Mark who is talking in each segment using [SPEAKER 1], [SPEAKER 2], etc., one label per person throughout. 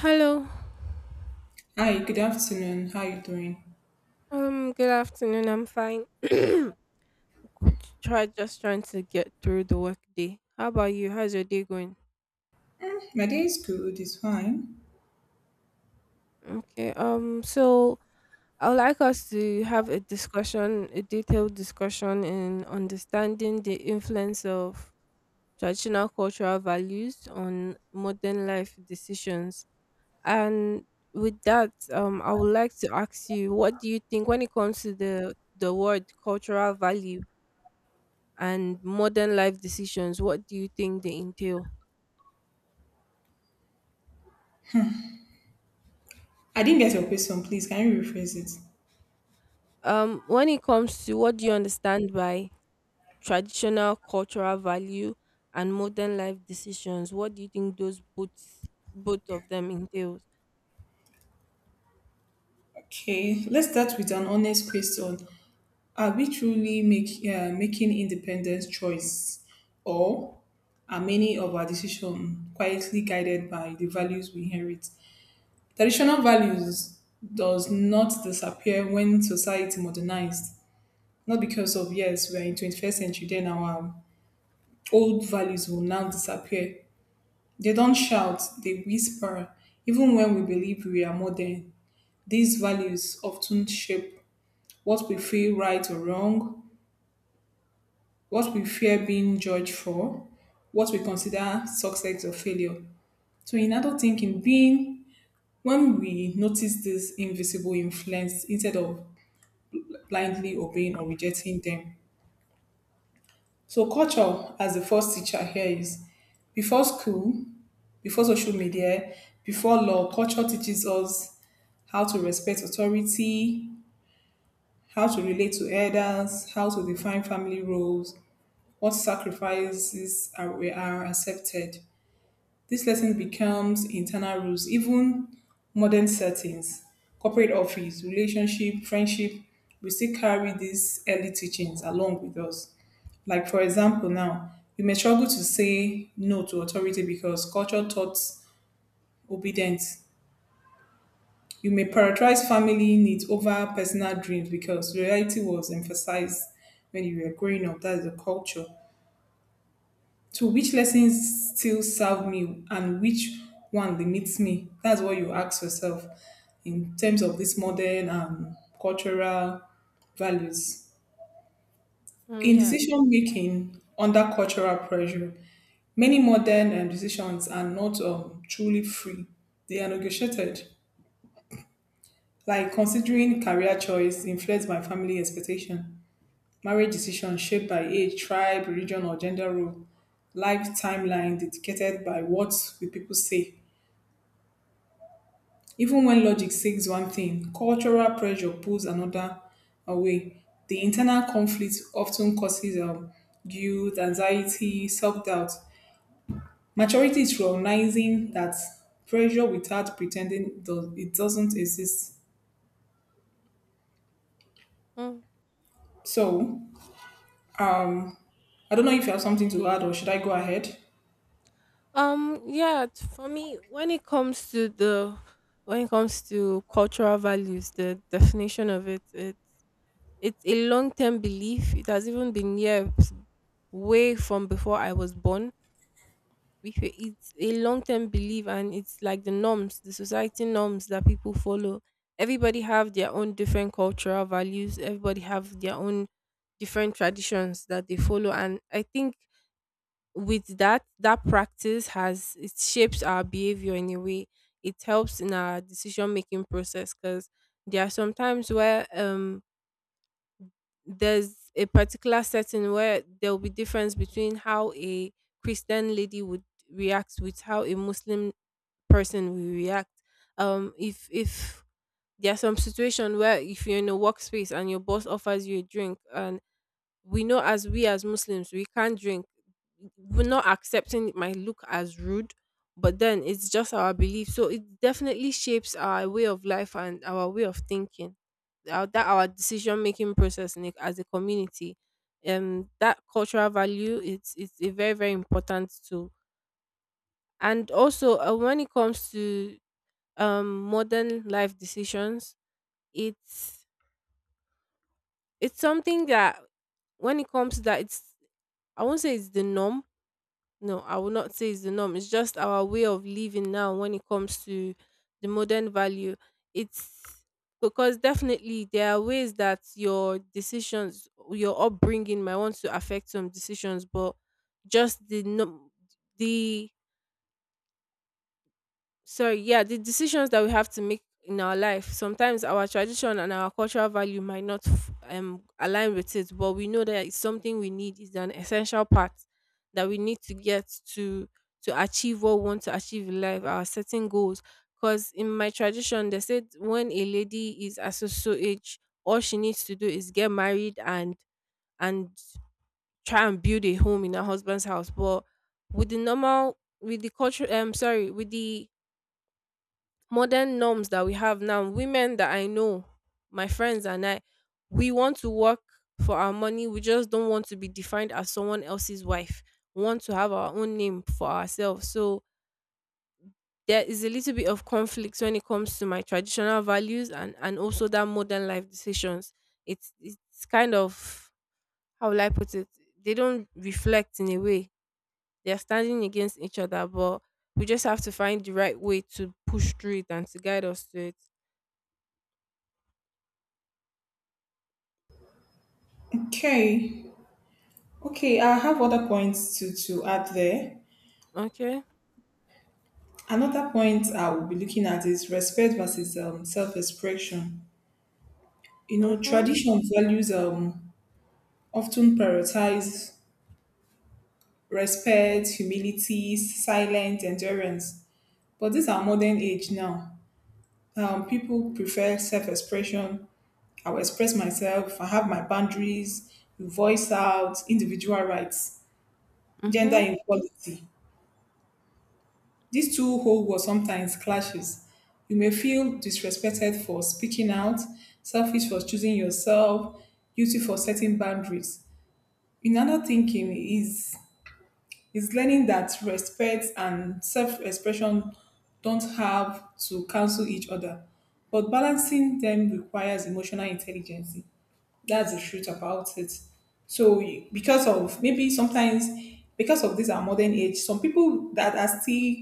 [SPEAKER 1] Hello.
[SPEAKER 2] Hi, good afternoon. How are you doing?
[SPEAKER 1] Good afternoon. I'm fine. Could try just trying to get through the work day. How about you? How's your day going?
[SPEAKER 2] Mm, my day is good, it's fine.
[SPEAKER 1] Okay. So I would like us to have a discussion, a detailed discussion in understanding the influence of traditional cultural values on modern life decisions. And with that, I would like to ask you, what do you think when it comes to the word cultural value? And modern life decisions, what do you think they entail?
[SPEAKER 2] I didn't get your question, please. Can you rephrase it?
[SPEAKER 1] When it comes to what do you understand by traditional cultural value and modern life decisions, what do you think those both of them entails?
[SPEAKER 2] Okay, let's start with an honest question. Are we truly making independent choice, or are many of our decisions quietly guided by the values we inherit? Traditional values does not disappear when society modernized. Not because of yes, we are in 21st century, then our old values will now disappear. They don't shout, they whisper. Even when we believe we are modern, these values often shape what we feel right or wrong, what we fear being judged for, what we consider success or failure. So in adult thinking, being when we notice this invisible influence instead of blindly obeying or rejecting them. So culture as the first teacher here is before school, before social media, before law, culture teaches us how to respect authority, how to relate to elders, how to define family roles, what sacrifices are accepted. This lesson becomes internal rules, even modern settings, corporate office, relationship, friendship. We still carry these early teachings along with us. Like, for example, now, we may struggle to say no to authority because culture taught obedience. You may prioritize family needs over personal dreams because reality was emphasized when you were growing up. That's the culture. So, which lessons still serve me, and which one limits me? That's what you ask yourself in terms of this modern cultural values.
[SPEAKER 1] Mm,
[SPEAKER 2] In
[SPEAKER 1] yes.
[SPEAKER 2] decision making under cultural pressure, many modern decisions are not truly free, they are negotiated. Like considering career choice influenced by family expectation, marriage decisions shaped by age, tribe, religion, or gender role, life timeline dictated by what the people say. Even when logic says one thing, cultural pressure pulls another away. The internal conflict often causes guilt, anxiety, self-doubt. Maturity is recognizing that pressure without pretending it doesn't exist.
[SPEAKER 1] Mm.
[SPEAKER 2] So, I don't know if you have something to add, or should I go ahead?
[SPEAKER 1] Yeah. For me, when it comes to cultural values, the definition of it, it's a long term belief. It has even been here way from before I was born. It's a long-term belief, and it's like the norms, the society norms that people follow. Everybody have their own different cultural values, everybody have their own different traditions that they follow, and I think with that practice has it shapes our behavior in a way. It helps in our decision making process because there are some times where there's a particular setting where there will be difference between how a Christian lady would react with how a Muslim person will react. If there's some situation where if you're in a workspace and your boss offers you a drink, and we know as Muslims we can't drink, we're not accepting, it might look as rude, but then it's just our belief. So it definitely shapes our way of life and our way of thinking, our, that our decision making process in, as a community. That cultural value, it's a very, very important tool. And also, when it comes to modern life decisions, it's it's something that when it comes to that, it's I won't say it's the norm. No, I would not say it's the norm. It's just our way of living now when it comes to the modern value. It's because definitely there are ways that your decisions, your upbringing might want to affect some decisions, but just the no, the so yeah, the decisions that we have to make in our life, sometimes our tradition and our cultural value might not align with it, but we know that it's something we need. It's an essential part that we need to get to to achieve what we want to achieve in life, our setting goals. Because in my tradition, they said when a lady is at so so age, all she needs to do is get married and try and build a home in her husband's house. But with the normal, with the culture, sorry, with the modern norms that we have now, women that I know, my friends and I, we want to work for our money. We just don't want to be defined as someone else's wife. We want to have our own name for ourselves. So there is a little bit of conflict when it comes to my traditional values and also that modern life decisions. It's kind of how will I put it? They don't reflect in a way. They're standing against each other, but we just have to find the right way to push through it and to guide us to it.
[SPEAKER 2] Okay. Okay, I have other points to add there.
[SPEAKER 1] Okay.
[SPEAKER 2] Another point I will be looking at is respect versus self expression. You know,
[SPEAKER 1] Mhm.
[SPEAKER 2] tradition values often prioritize respect, humility, silence, endurance. But these are modern age now. People prefer self expression. I will express myself, I have my boundaries, voice out, individual rights, gender
[SPEAKER 1] Mhm.
[SPEAKER 2] equality. These two whole worlds sometimes clashes. You may feel disrespected for speaking out, selfish for choosing yourself, guilty for setting boundaries. In other thinking is learning that respect and self-expression don't have to cancel each other, but balancing them requires emotional intelligence. That's the truth about it. So, because of maybe sometimes because of this our modern age, some people that are still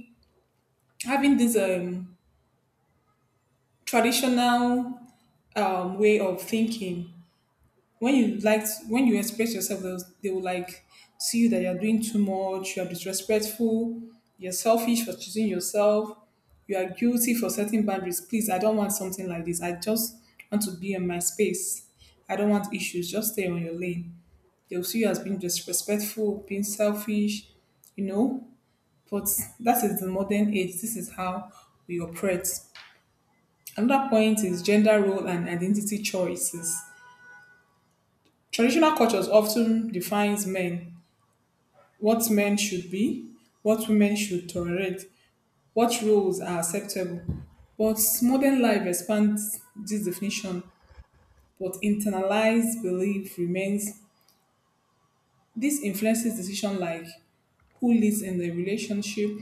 [SPEAKER 2] having this traditional way of thinking. When you express yourself, they will like see you that you're doing too much, you are disrespectful, you're selfish for choosing yourself, you are guilty for setting boundaries. Please, I don't want something like this. I just want to be in my space. I don't want issues. Just stay on your lane. They'll see you as being disrespectful, being selfish, you know. But that is the modern age. This is how we operate. Another point is gender role and identity choices. Traditional cultures often defines men, what men should be, what women should tolerate, what roles are acceptable. But modern life expands this definition, but internalized belief remains. This influences decision like who lives in the relationship,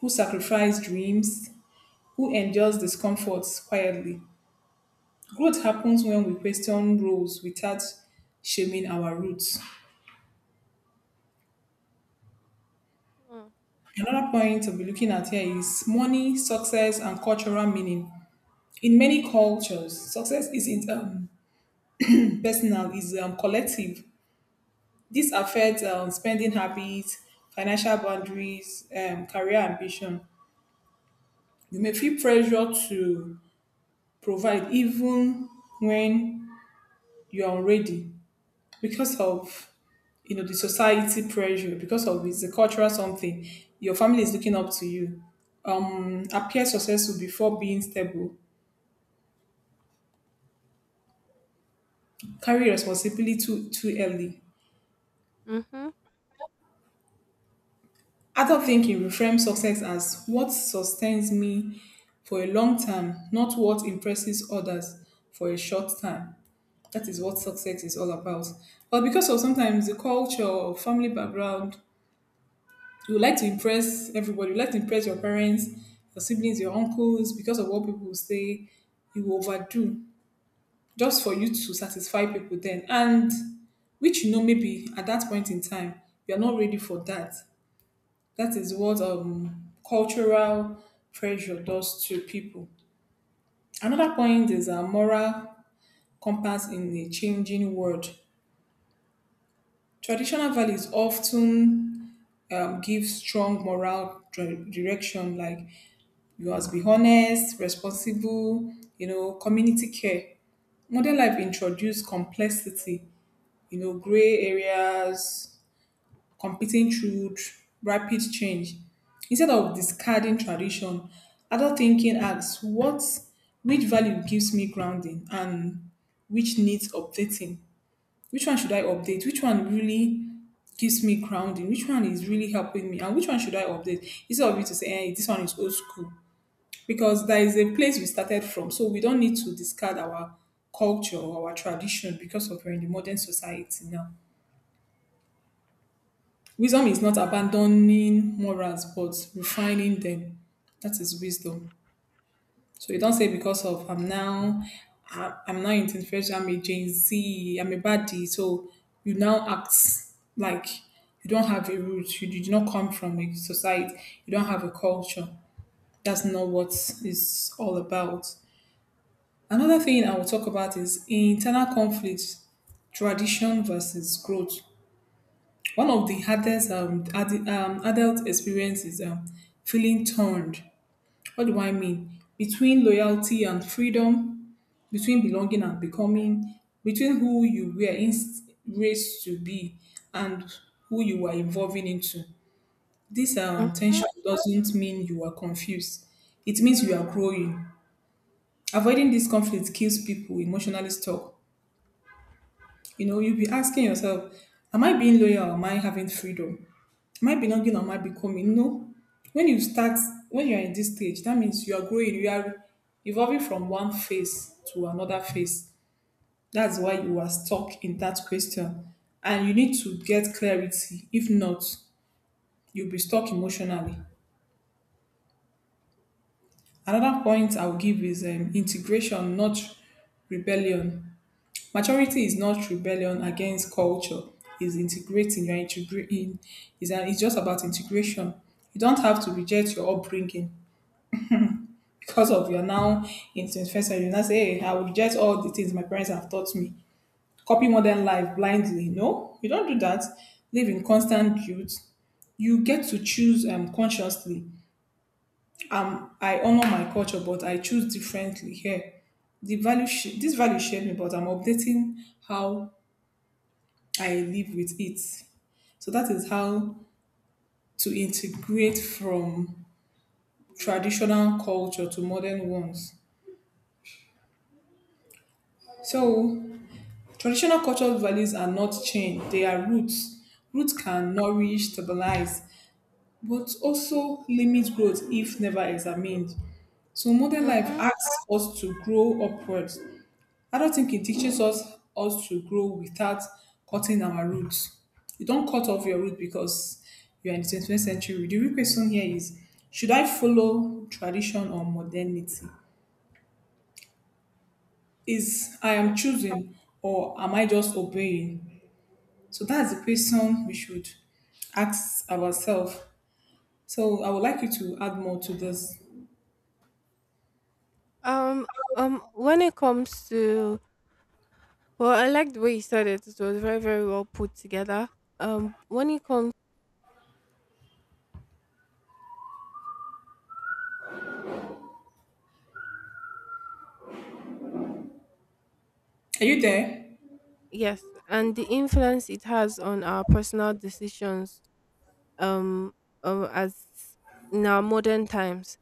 [SPEAKER 2] who sacrifices dreams, who endures discomforts quietly. Growth happens when we question rules without shaming our roots.
[SPEAKER 1] Mm.
[SPEAKER 2] Another point to be looking at here is money, success, and cultural meaning. In many cultures, success isn't personal; it's collective. This affects spending habits, financial boundaries, career ambition. You may feel pressure to provide even when you are ready, because of you know the society pressure, because of it's a cultural something. Your family is looking up to you, appear successful before being stable, carry responsibility too early.
[SPEAKER 1] Mhm.
[SPEAKER 2] Adult thinking reframes success as what sustains me for a long time, not what impresses others for a short time. That is what success is all about. But because of sometimes the culture or family background, you would like to impress everybody. You like to impress your parents, your siblings, your uncles, because of what people will say. You will overdo just for you to satisfy people then. And which, maybe at that point in time you're not ready for that. That is what cultural pressure does to people. Another point is a moral compass in a changing world. Traditional values often give strong moral direction, like you must be honest, responsible, community care. Modern life introduced complexity, gray areas, competing truth, rapid change. Instead of discarding tradition, adult thinking asks what which value gives me grounding and which needs updating. Which one should I update? Which one really gives me grounding? Which one is really helping me? And which one should I update? Instead of you to say, hey, this one is old school, because there is a place we started from. So we don't need to discard our culture or our tradition because of we're in the modern society now. Wisdom is not abandoning morals but refining them. That is wisdom. So you don't say because of I'm now in 21st, I'm a Gen Z, I'm a baddie. So you now act like you don't have a root, you did not come from a society, you don't have a culture. That's not what it's all about. Another thing I will talk about is internal conflict: tradition versus growth. One of the hardest adult experiences is feeling torn. What do I mean? Between loyalty and freedom, between belonging and becoming, between who you were raised to be and who you were evolving into. This
[SPEAKER 1] Mhm.
[SPEAKER 2] tension doesn't mean you are confused. It means you are growing. Avoiding this conflict keeps people emotionally stuck. You'll be asking yourself, am I being loyal or am I having freedom? Am I belonging or am I becoming? No. When you start, when you're in this stage, that means you are growing, you are evolving from one phase to another phase. That's why you are stuck in that question. And you need to get clarity. If not, you'll be stuck emotionally. Another point I'll give is integration, not rebellion. Maturity is not rebellion against culture. It's integrating. You're integrating. It's just about integration. You don't have to reject your upbringing because of you're now in 21st century. You now say, hey, I will reject all the things my parents have taught me. Copy modern life blindly. No, you don't do that. Live in constant guilt. You get to choose consciously. I honor my culture, but I choose differently here. The value this value shared me, but I'm updating how I live with it. So that is how to integrate from traditional culture to modern ones. So traditional cultural values are not changed, they are roots. Roots can nourish, stabilize, but also limit growth if never examined. So modern life
[SPEAKER 1] Mhm.
[SPEAKER 2] asks us to grow upwards. I don't think it teaches us to grow without cutting our roots. You don't cut off your root because you are in the 21st century. The real question here is, should I follow tradition or modernity? Is I am choosing, or am I just obeying? So that's the question we should ask ourselves. So I would like you to add more to this.
[SPEAKER 1] Um, when it comes to, well, I like the way you said it. It was very, very well put together. When it comes,
[SPEAKER 2] Are you there?
[SPEAKER 1] yes, and the influence it has on our personal decisions, um, as in our modern times,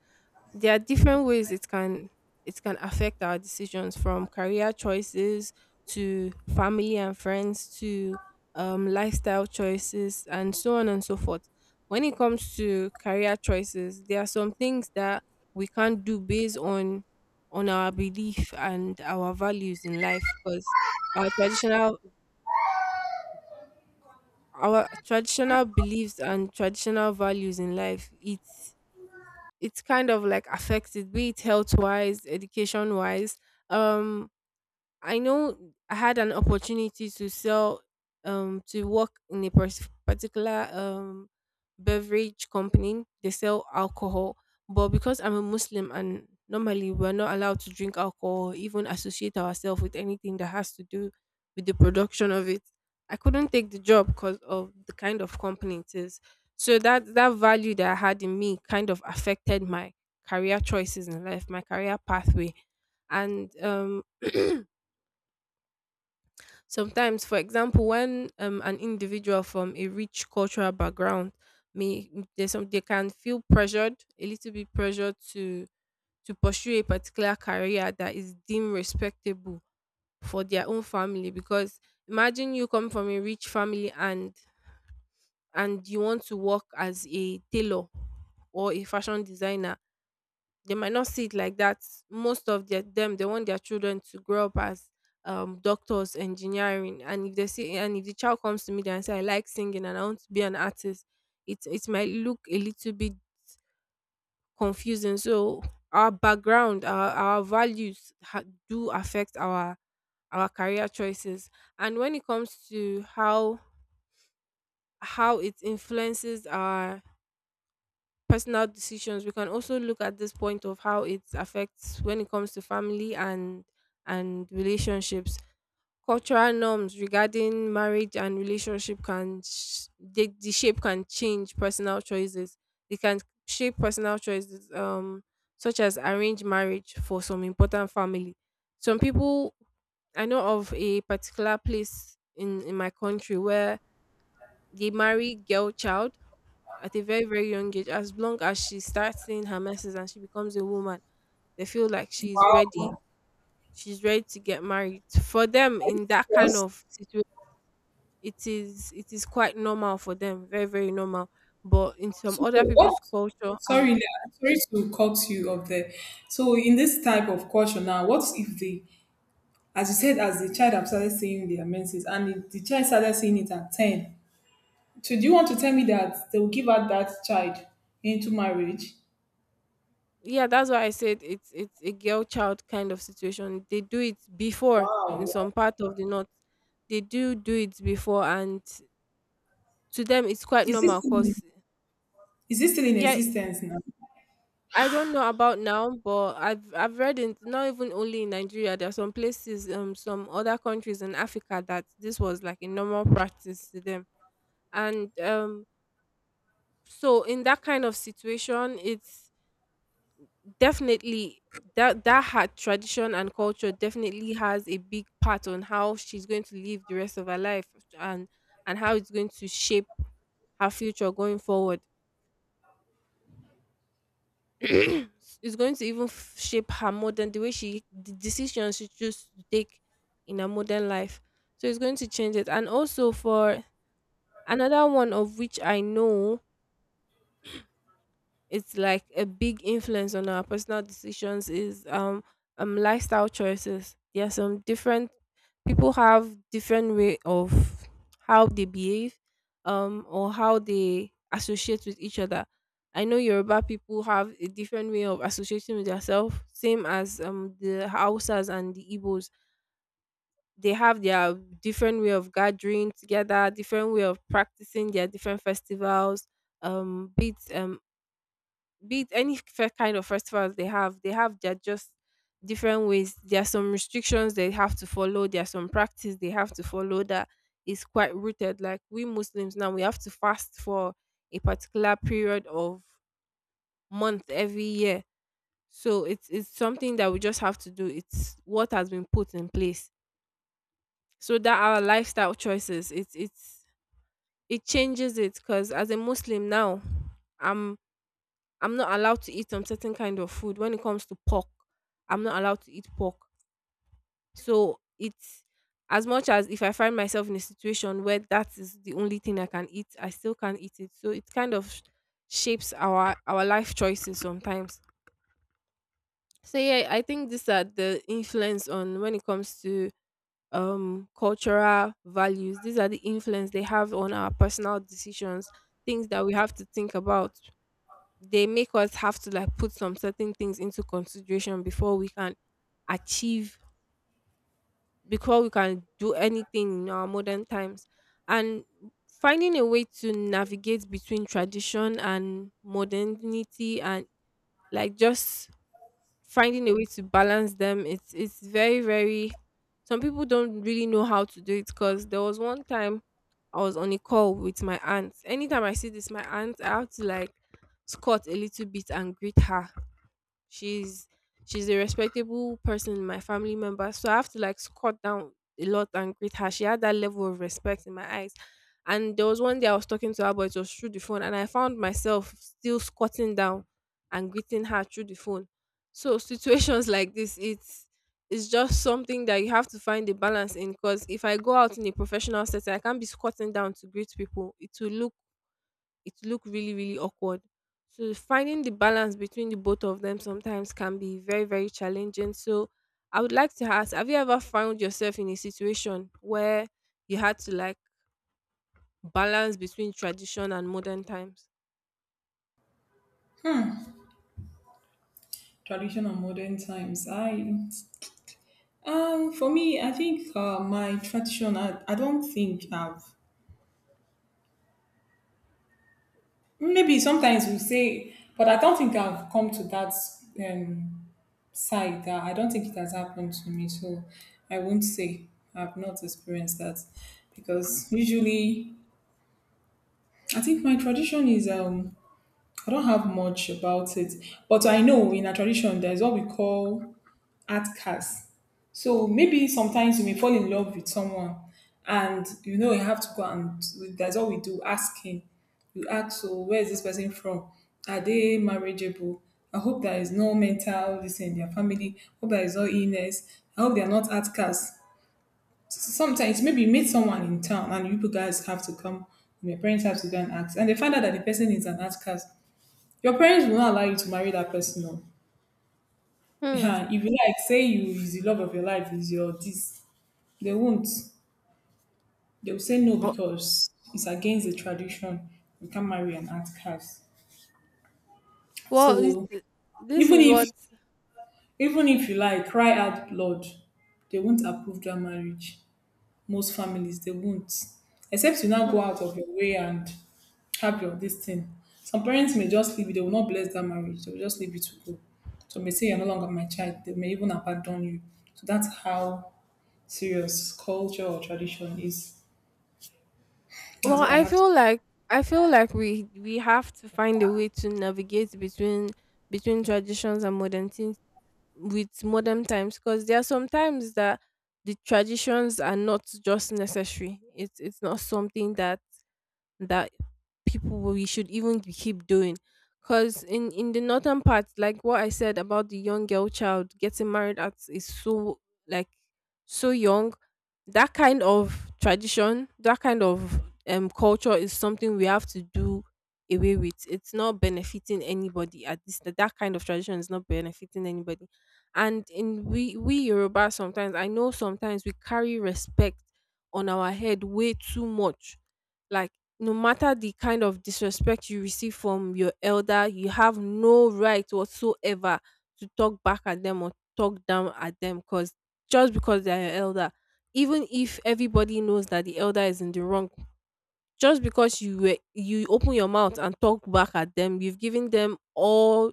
[SPEAKER 1] there are different ways it can affect our decisions from career choices to family and friends to lifestyle choices and so on and so forth. When it comes to career choices, there are some things that we can't do based on our belief and our values in life, because our traditional our traditional beliefs and traditional values in life, it's kind of like affected, be it health wise, education wise. Um, I know I had an opportunity to sell, to work in a particular beverage company. They sell alcohol, but because I'm a Muslim and normally we're not allowed to drink alcohol, even associate ourselves with anything that has to do with the production of it, I couldn't take the job because of the kind of company it is. So that value that I had in me kind of affected my career choices in life, my career pathway, and. Sometimes, for example, when an individual from a rich cultural background may there's some they can feel pressured, a little bit pressured to pursue a particular career that is deemed respectable for their own family. Because imagine you come from a rich family and you want to work as a tailor or a fashion designer, they might not see it like that. Most of their, them, they want their children to grow up as doctors, engineering, and if they see, and if the child comes to me there and say, "I like singing and I want to be an artist," it might look a little bit confusing. So our background, our values do affect our career choices. And when it comes to how it influences our personal decisions, we can also look at this point of how it affects when it comes to family and relationships. Cultural norms regarding marriage and relationship can the shape can change personal choices. They can shape personal choices, such as arranged marriage for some important family. Some people, I know of a particular place in my country where they marry girl child at a very, very young age. As long as she starts seeing her messes and she becomes a woman, they feel like she's ready,
[SPEAKER 2] Wow.
[SPEAKER 1] she's ready to get married for them
[SPEAKER 2] Are you
[SPEAKER 1] in that kind
[SPEAKER 2] serious?
[SPEAKER 1] of situation. It is, it is quite normal for them, very, very normal. But in some
[SPEAKER 2] So
[SPEAKER 1] other people's
[SPEAKER 2] what?
[SPEAKER 1] culture and-
[SPEAKER 2] Sorry, sorry to cut you off there. So in this type of culture now, what if as you said, as the child have started seeing their menses, and the child started seeing it at ten, so do you want to tell me that they will give out that child into marriage?
[SPEAKER 1] yeah, that's why I said it's a girl child kind of situation. They do it before. In some part of the north, they do do it before. And to them it's quite
[SPEAKER 2] Is this
[SPEAKER 1] normal
[SPEAKER 2] still in,
[SPEAKER 1] because
[SPEAKER 2] is this still in
[SPEAKER 1] yeah,
[SPEAKER 2] existence now?
[SPEAKER 1] I don't know about now, but I've read in, not even only in Nigeria. There are some places, some other countries in Africa, that this was like a normal practice to them. And so in that kind of situation, it's definitely that that had tradition and culture definitely has a big part on how she's going to live the rest of her life, and and how it's going to shape her future going forward. It's going to even shape her modern, the way she, the decisions she chooses to take in her modern life. So it's going to change it. And also, for another one of which I know, it's like a big influence on our personal decisions is lifestyle choices. There are some different people have different way of how they behave or how they associate with each other. I know Yoruba people have a different way of associating with themselves, same as the Hausas and the Igbos. They have their different way of gathering together, different way of practicing their different festivals, um be it um be it any fair kind of festivals they have their just different ways. There are some restrictions they have to follow. There are some practice they have to follow that is quite rooted. Like we Muslims now, we have to fast for a particular period of month every year. So it's something that we just have to do. It's what has been put in place. So that our lifestyle choices, it's it changes it, because as a Muslim now, I'm I'm not allowed to eat some certain kind of food. When it comes to pork, I'm not allowed to eat pork. So it's as much as if I find myself in a situation where that is the only thing I can eat, I still can't eat it. So it kind of shapes our life choices sometimes. So yeah, I think these are the influence on when it comes to cultural values. These are the influence they have on our personal decisions, things that we have to think about. They make us have to like put some certain things into consideration before we can achieve do anything in our modern times, and finding a way to navigate between tradition and modernity, and like just finding a way to balance them. It's very, very— some people don't really know how to do it. Because there was one time I was on a call with my aunt. Anytime I see this my aunt, I have to like squat a little bit and greet her. She's she's a respectable person in my family member, so I have to like squat down a lot and greet her. She had that level of respect in my eyes. And there was one day I was talking to her, but it was through the phone, and I found myself still squatting down and greeting her through the phone. So situations like this, it's just something that you have to find a balance in. Because if I go out in a professional setting, I can't be squatting down to greet people. It will look— it look really, really awkward. So finding the balance between the both of them sometimes can be very, very challenging. So I would like to ask, have you ever found yourself in a situation where you had to like balance between tradition and modern times?
[SPEAKER 2] Tradition and modern times. I for me, I think, my tradition. I don't think I've maybe sometimes we say, but I don't think I've come to that um side, that I don't think it has happened to me, so I won't say I've not experienced that, because usually I think my tradition is I don't have much about it, but I know in a tradition there's what we call outcast. So maybe sometimes you may fall in love with someone and you know you have to go, and that's all we do, asking. You ask, so where is this person from? Are they marriageable? I hope there is no mental this in their family. Hope there is no illness. I hope they are not outcasts. Sometimes maybe you meet someone in town and you guys have to come, and your parents have to go and ask, and they find out that the person is an outcast. Your parents will not allow you to marry that person. No.
[SPEAKER 1] Hmm.
[SPEAKER 2] Yeah, if you like, say you is the love of your life, is your this, they won't. They will say no
[SPEAKER 1] Oh.
[SPEAKER 2] because it's against the tradition. You can't marry an art cast.
[SPEAKER 1] Well,
[SPEAKER 2] So
[SPEAKER 1] this
[SPEAKER 2] even
[SPEAKER 1] is
[SPEAKER 2] if
[SPEAKER 1] what.
[SPEAKER 2] even if you like cry out blood, they won't approve that marriage. Most families they won't. Except you now
[SPEAKER 1] Hmm.
[SPEAKER 2] go out of your way and have your this thing. Some parents may just leave you, they will not bless that marriage, they will just leave you to go. So may say you're no longer my child, they may even abandon you. So that's how serious culture or tradition is.
[SPEAKER 1] Well,
[SPEAKER 2] That's what I
[SPEAKER 1] I
[SPEAKER 2] have to.
[SPEAKER 1] feel like— I feel like we have to find a way to navigate between— between traditions and modernity, with modern times, because there are some times that the traditions are not just necessary. It's not something that— that people we should even keep doing. Because in the northern part, like what I said about the young girl child getting married at is so, like, so young. That kind of tradition, that kind of culture, is something we have to do away with. It's not benefiting anybody at this. That kind of tradition is not benefiting anybody. And in we Yoruba sometimes, I know sometimes we carry respect on our head way too much. Like, no matter the kind of disrespect you receive from your elder, you have no right whatsoever to talk back at them or talk down at them, because just because they are your elder, even if everybody knows that the elder is in the wrong, just because you were— you open your mouth and talk back at them, you've given them all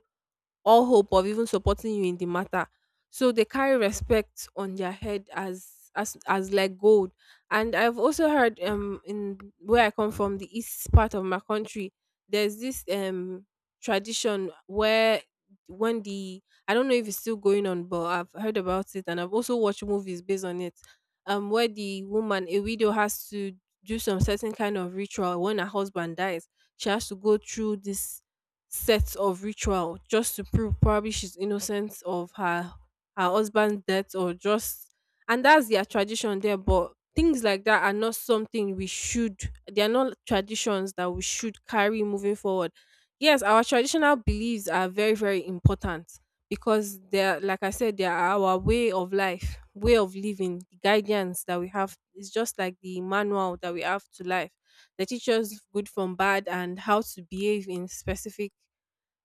[SPEAKER 1] all hope of even supporting you in the matter. So they carry respect on their head as— as like gold. And I've also heard in where I come from, the east part of my country, there's this tradition where, when the— I don't know if it's still going on, but I've heard about it and I've also watched movies based on it. Where the woman, a widow, has to do some certain kind of ritual when her husband dies. She has to go through this set of ritual just to prove probably she's innocent of her husband's death, or just— and that's their tradition there. But things like that are not something we should— they are not traditions that we should carry moving forward. Yes, our traditional beliefs are very, very important, because they're, like I said, they are our way of life, way of living, the guidance that we have. It's just like the manual that we have to life. They teach us good from bad, and how to behave in specific—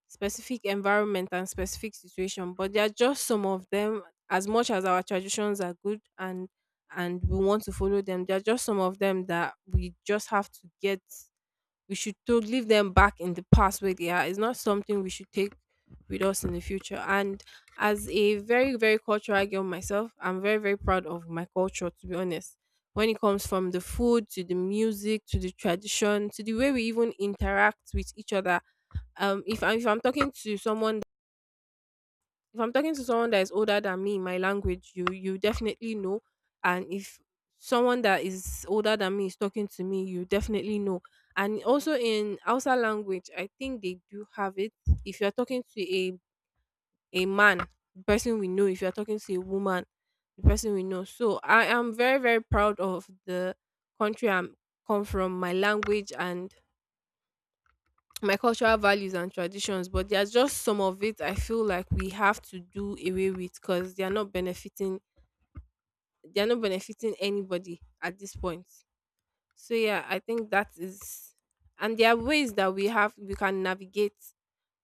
[SPEAKER 1] specific environment and specific situation. But there are just some of them. As much as our traditions are good, and we want to follow them, there are just some of them that we just have to get— we should to leave them back in the past where they are. It's not something we should take with us in the future. And as a very, very cultural girl myself, I'm very, very proud of my culture, to be honest. When it comes from the food to the music to the tradition to the way we even interact with each other. If I'm talking to someone— if I'm talking to someone that is older than me, in my language, you definitely know. And if someone that is older than me is talking to me, you definitely know. And also in Hausa language, I think they do have it. If you're talking to a man, the person we know. If you're talking to a woman, the person we know. So I am very, very proud of the country I'm come from, my language, and my cultural values and traditions. But there's just some of it I feel like we have to do away with, because they are not benefiting. They are not benefiting anybody at this point. So yeah, I think that is— and there are ways that we can navigate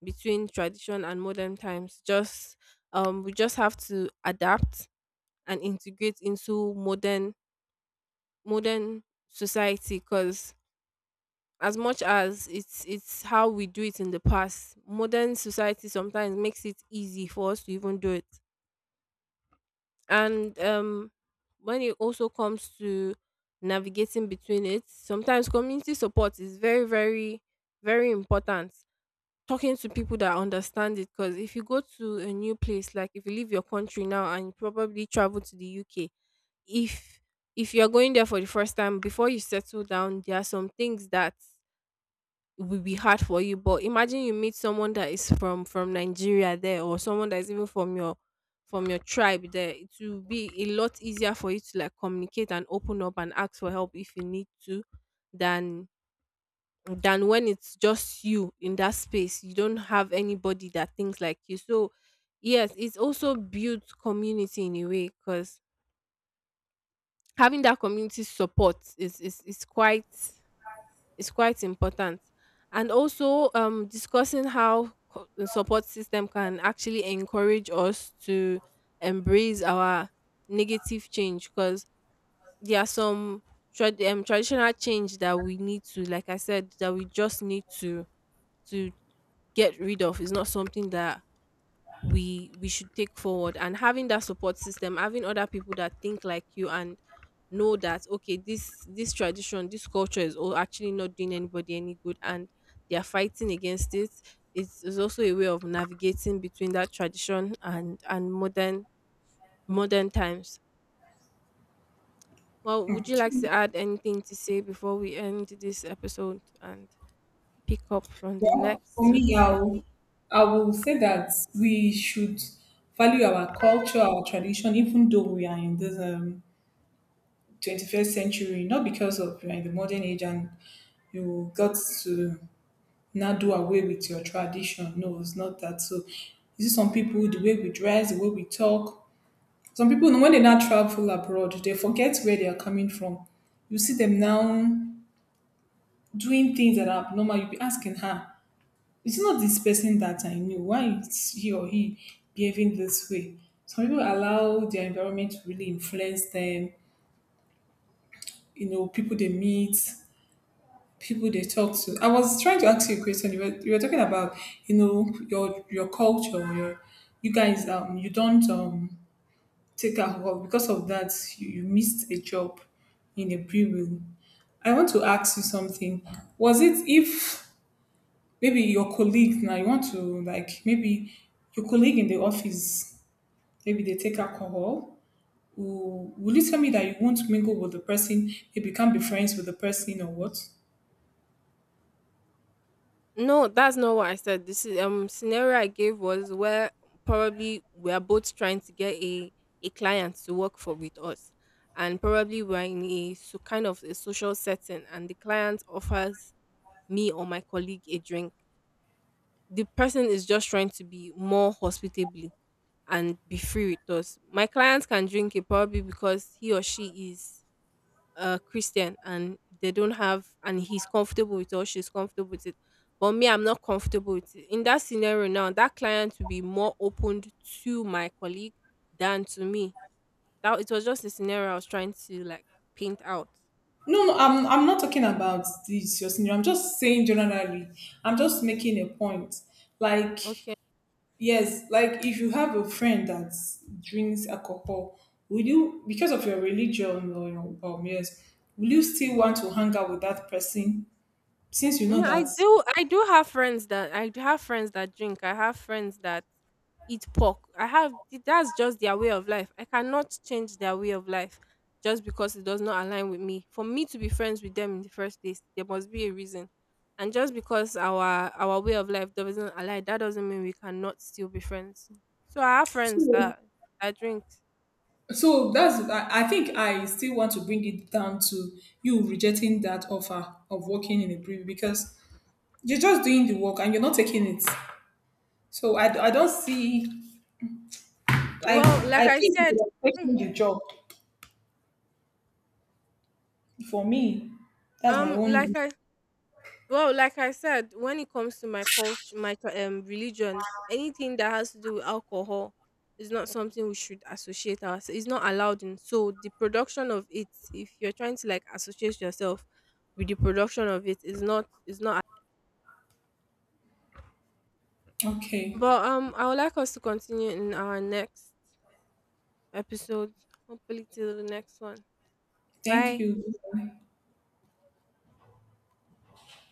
[SPEAKER 1] between tradition and modern times. Just, we just have to adapt and integrate into modern society, because as much as it's how we do it in the past, modern society sometimes makes it easy for us to even do it. And when it also comes to navigating between it, sometimes community support is very, very, very important. Talking to people that understand it, because if you go to a new place, like if you leave your country now and you probably travel to the UK, if if you're going there for the first time, before you settle down, there are some things that it will be hard for you. But imagine you meet someone that is from Nigeria there, or someone that is even from your tribe there. It will be a lot easier for you to like communicate and open up and ask for help if you need to, than than when it's just you in that space. You don't have anybody that thinks like you. So yes, it's also builds community in a way, because having that community support is quite important. And also, discussing how the support system can actually encourage us to embrace our negative change, because there are some traditional change that we need to, like I said, that we just need to— to get rid of. It's not something that we should take forward. And having that support system, having other people that think like you and know that, okay, this tradition, this culture, is all actually not doing anybody any good, and they are fighting against it, it's also a way of navigating between that tradition and modern times. Well, would you like to
[SPEAKER 2] Mm.
[SPEAKER 1] add anything to say before we end this episode and pick up from the
[SPEAKER 2] Well, for
[SPEAKER 1] next?
[SPEAKER 2] me, I will say that we should value our culture, our tradition, even though we are in this 21st century, not because of you are in the modern age and you got to now do away with your tradition. No, it's not that. So, you see, some people, the way we dress, the way we talk, some people, when they now travel abroad, they forget where they are coming from. You see them now doing things that are abnormal. You'll be asking her, it's not this person that I knew. Why is he or he behaving this way? Some people allow their environment to really influence them, people they meet, people they talk to. I was trying to ask you a question. You were talking about, your culture, you guys you don't take alcohol because of that you missed a job in a brewery. I want to ask you something. Was it if maybe your colleagues now you want to like, maybe your colleague in the office maybe they take alcohol, will you tell me that you won't mingle with the person, maybe you become be friends with the person, or what?
[SPEAKER 1] No, that's not what I said. This is scenario I gave was where probably we are both trying to get a client to work for with us, and probably we're in a so kind of a social setting, and the client offers me or my colleague a drink. The person is just trying to be more hospitably and be free with us. My client can drink it probably because he or she is Christian, and they don't have— and he's comfortable with it, or she's comfortable with it. But me, I'm not comfortable with it. In that scenario now, that client will be more opened to my colleague than to me. That it was just a scenario I was trying to like paint out.
[SPEAKER 2] No, no, I'm not talking about this your senior. I'm just saying generally. I'm just making a point, like,
[SPEAKER 1] Okay.
[SPEAKER 2] yes, like if you have a friend that drinks alcohol, will you, because of your religion or your yes, will you still want to hang out with that person, since you know
[SPEAKER 1] No,
[SPEAKER 2] that.
[SPEAKER 1] I do have friends that drink. I have friends that eat pork. I have That's just their way of life. I cannot change their way of life just because it does not align with me. For me to be friends with them in the first place, there must be a reason. And just because our way of life doesn't align, that doesn't mean we cannot still be friends. So I have friends
[SPEAKER 2] So,
[SPEAKER 1] that— I drink.
[SPEAKER 2] so that's, I think I still want to bring it down to you rejecting that offer of working in a brewery because you're just doing the work and you're not taking it. So I don't see, like
[SPEAKER 1] Well,
[SPEAKER 2] I
[SPEAKER 1] like I
[SPEAKER 2] think if
[SPEAKER 1] said,
[SPEAKER 2] you're taking the job for me, that's my
[SPEAKER 1] like
[SPEAKER 2] own.
[SPEAKER 1] I Well, like I said, when it comes to my culture, my religion, anything that has to do with alcohol is not something we should associate us. It's not allowed in. So the production of it, if you're trying to like associate yourself with the production of it, is not— is not.
[SPEAKER 2] Okay,
[SPEAKER 1] But I would like us to continue in our next episode. Hopefully, till the next one.
[SPEAKER 2] thank
[SPEAKER 1] Bye.
[SPEAKER 2] you.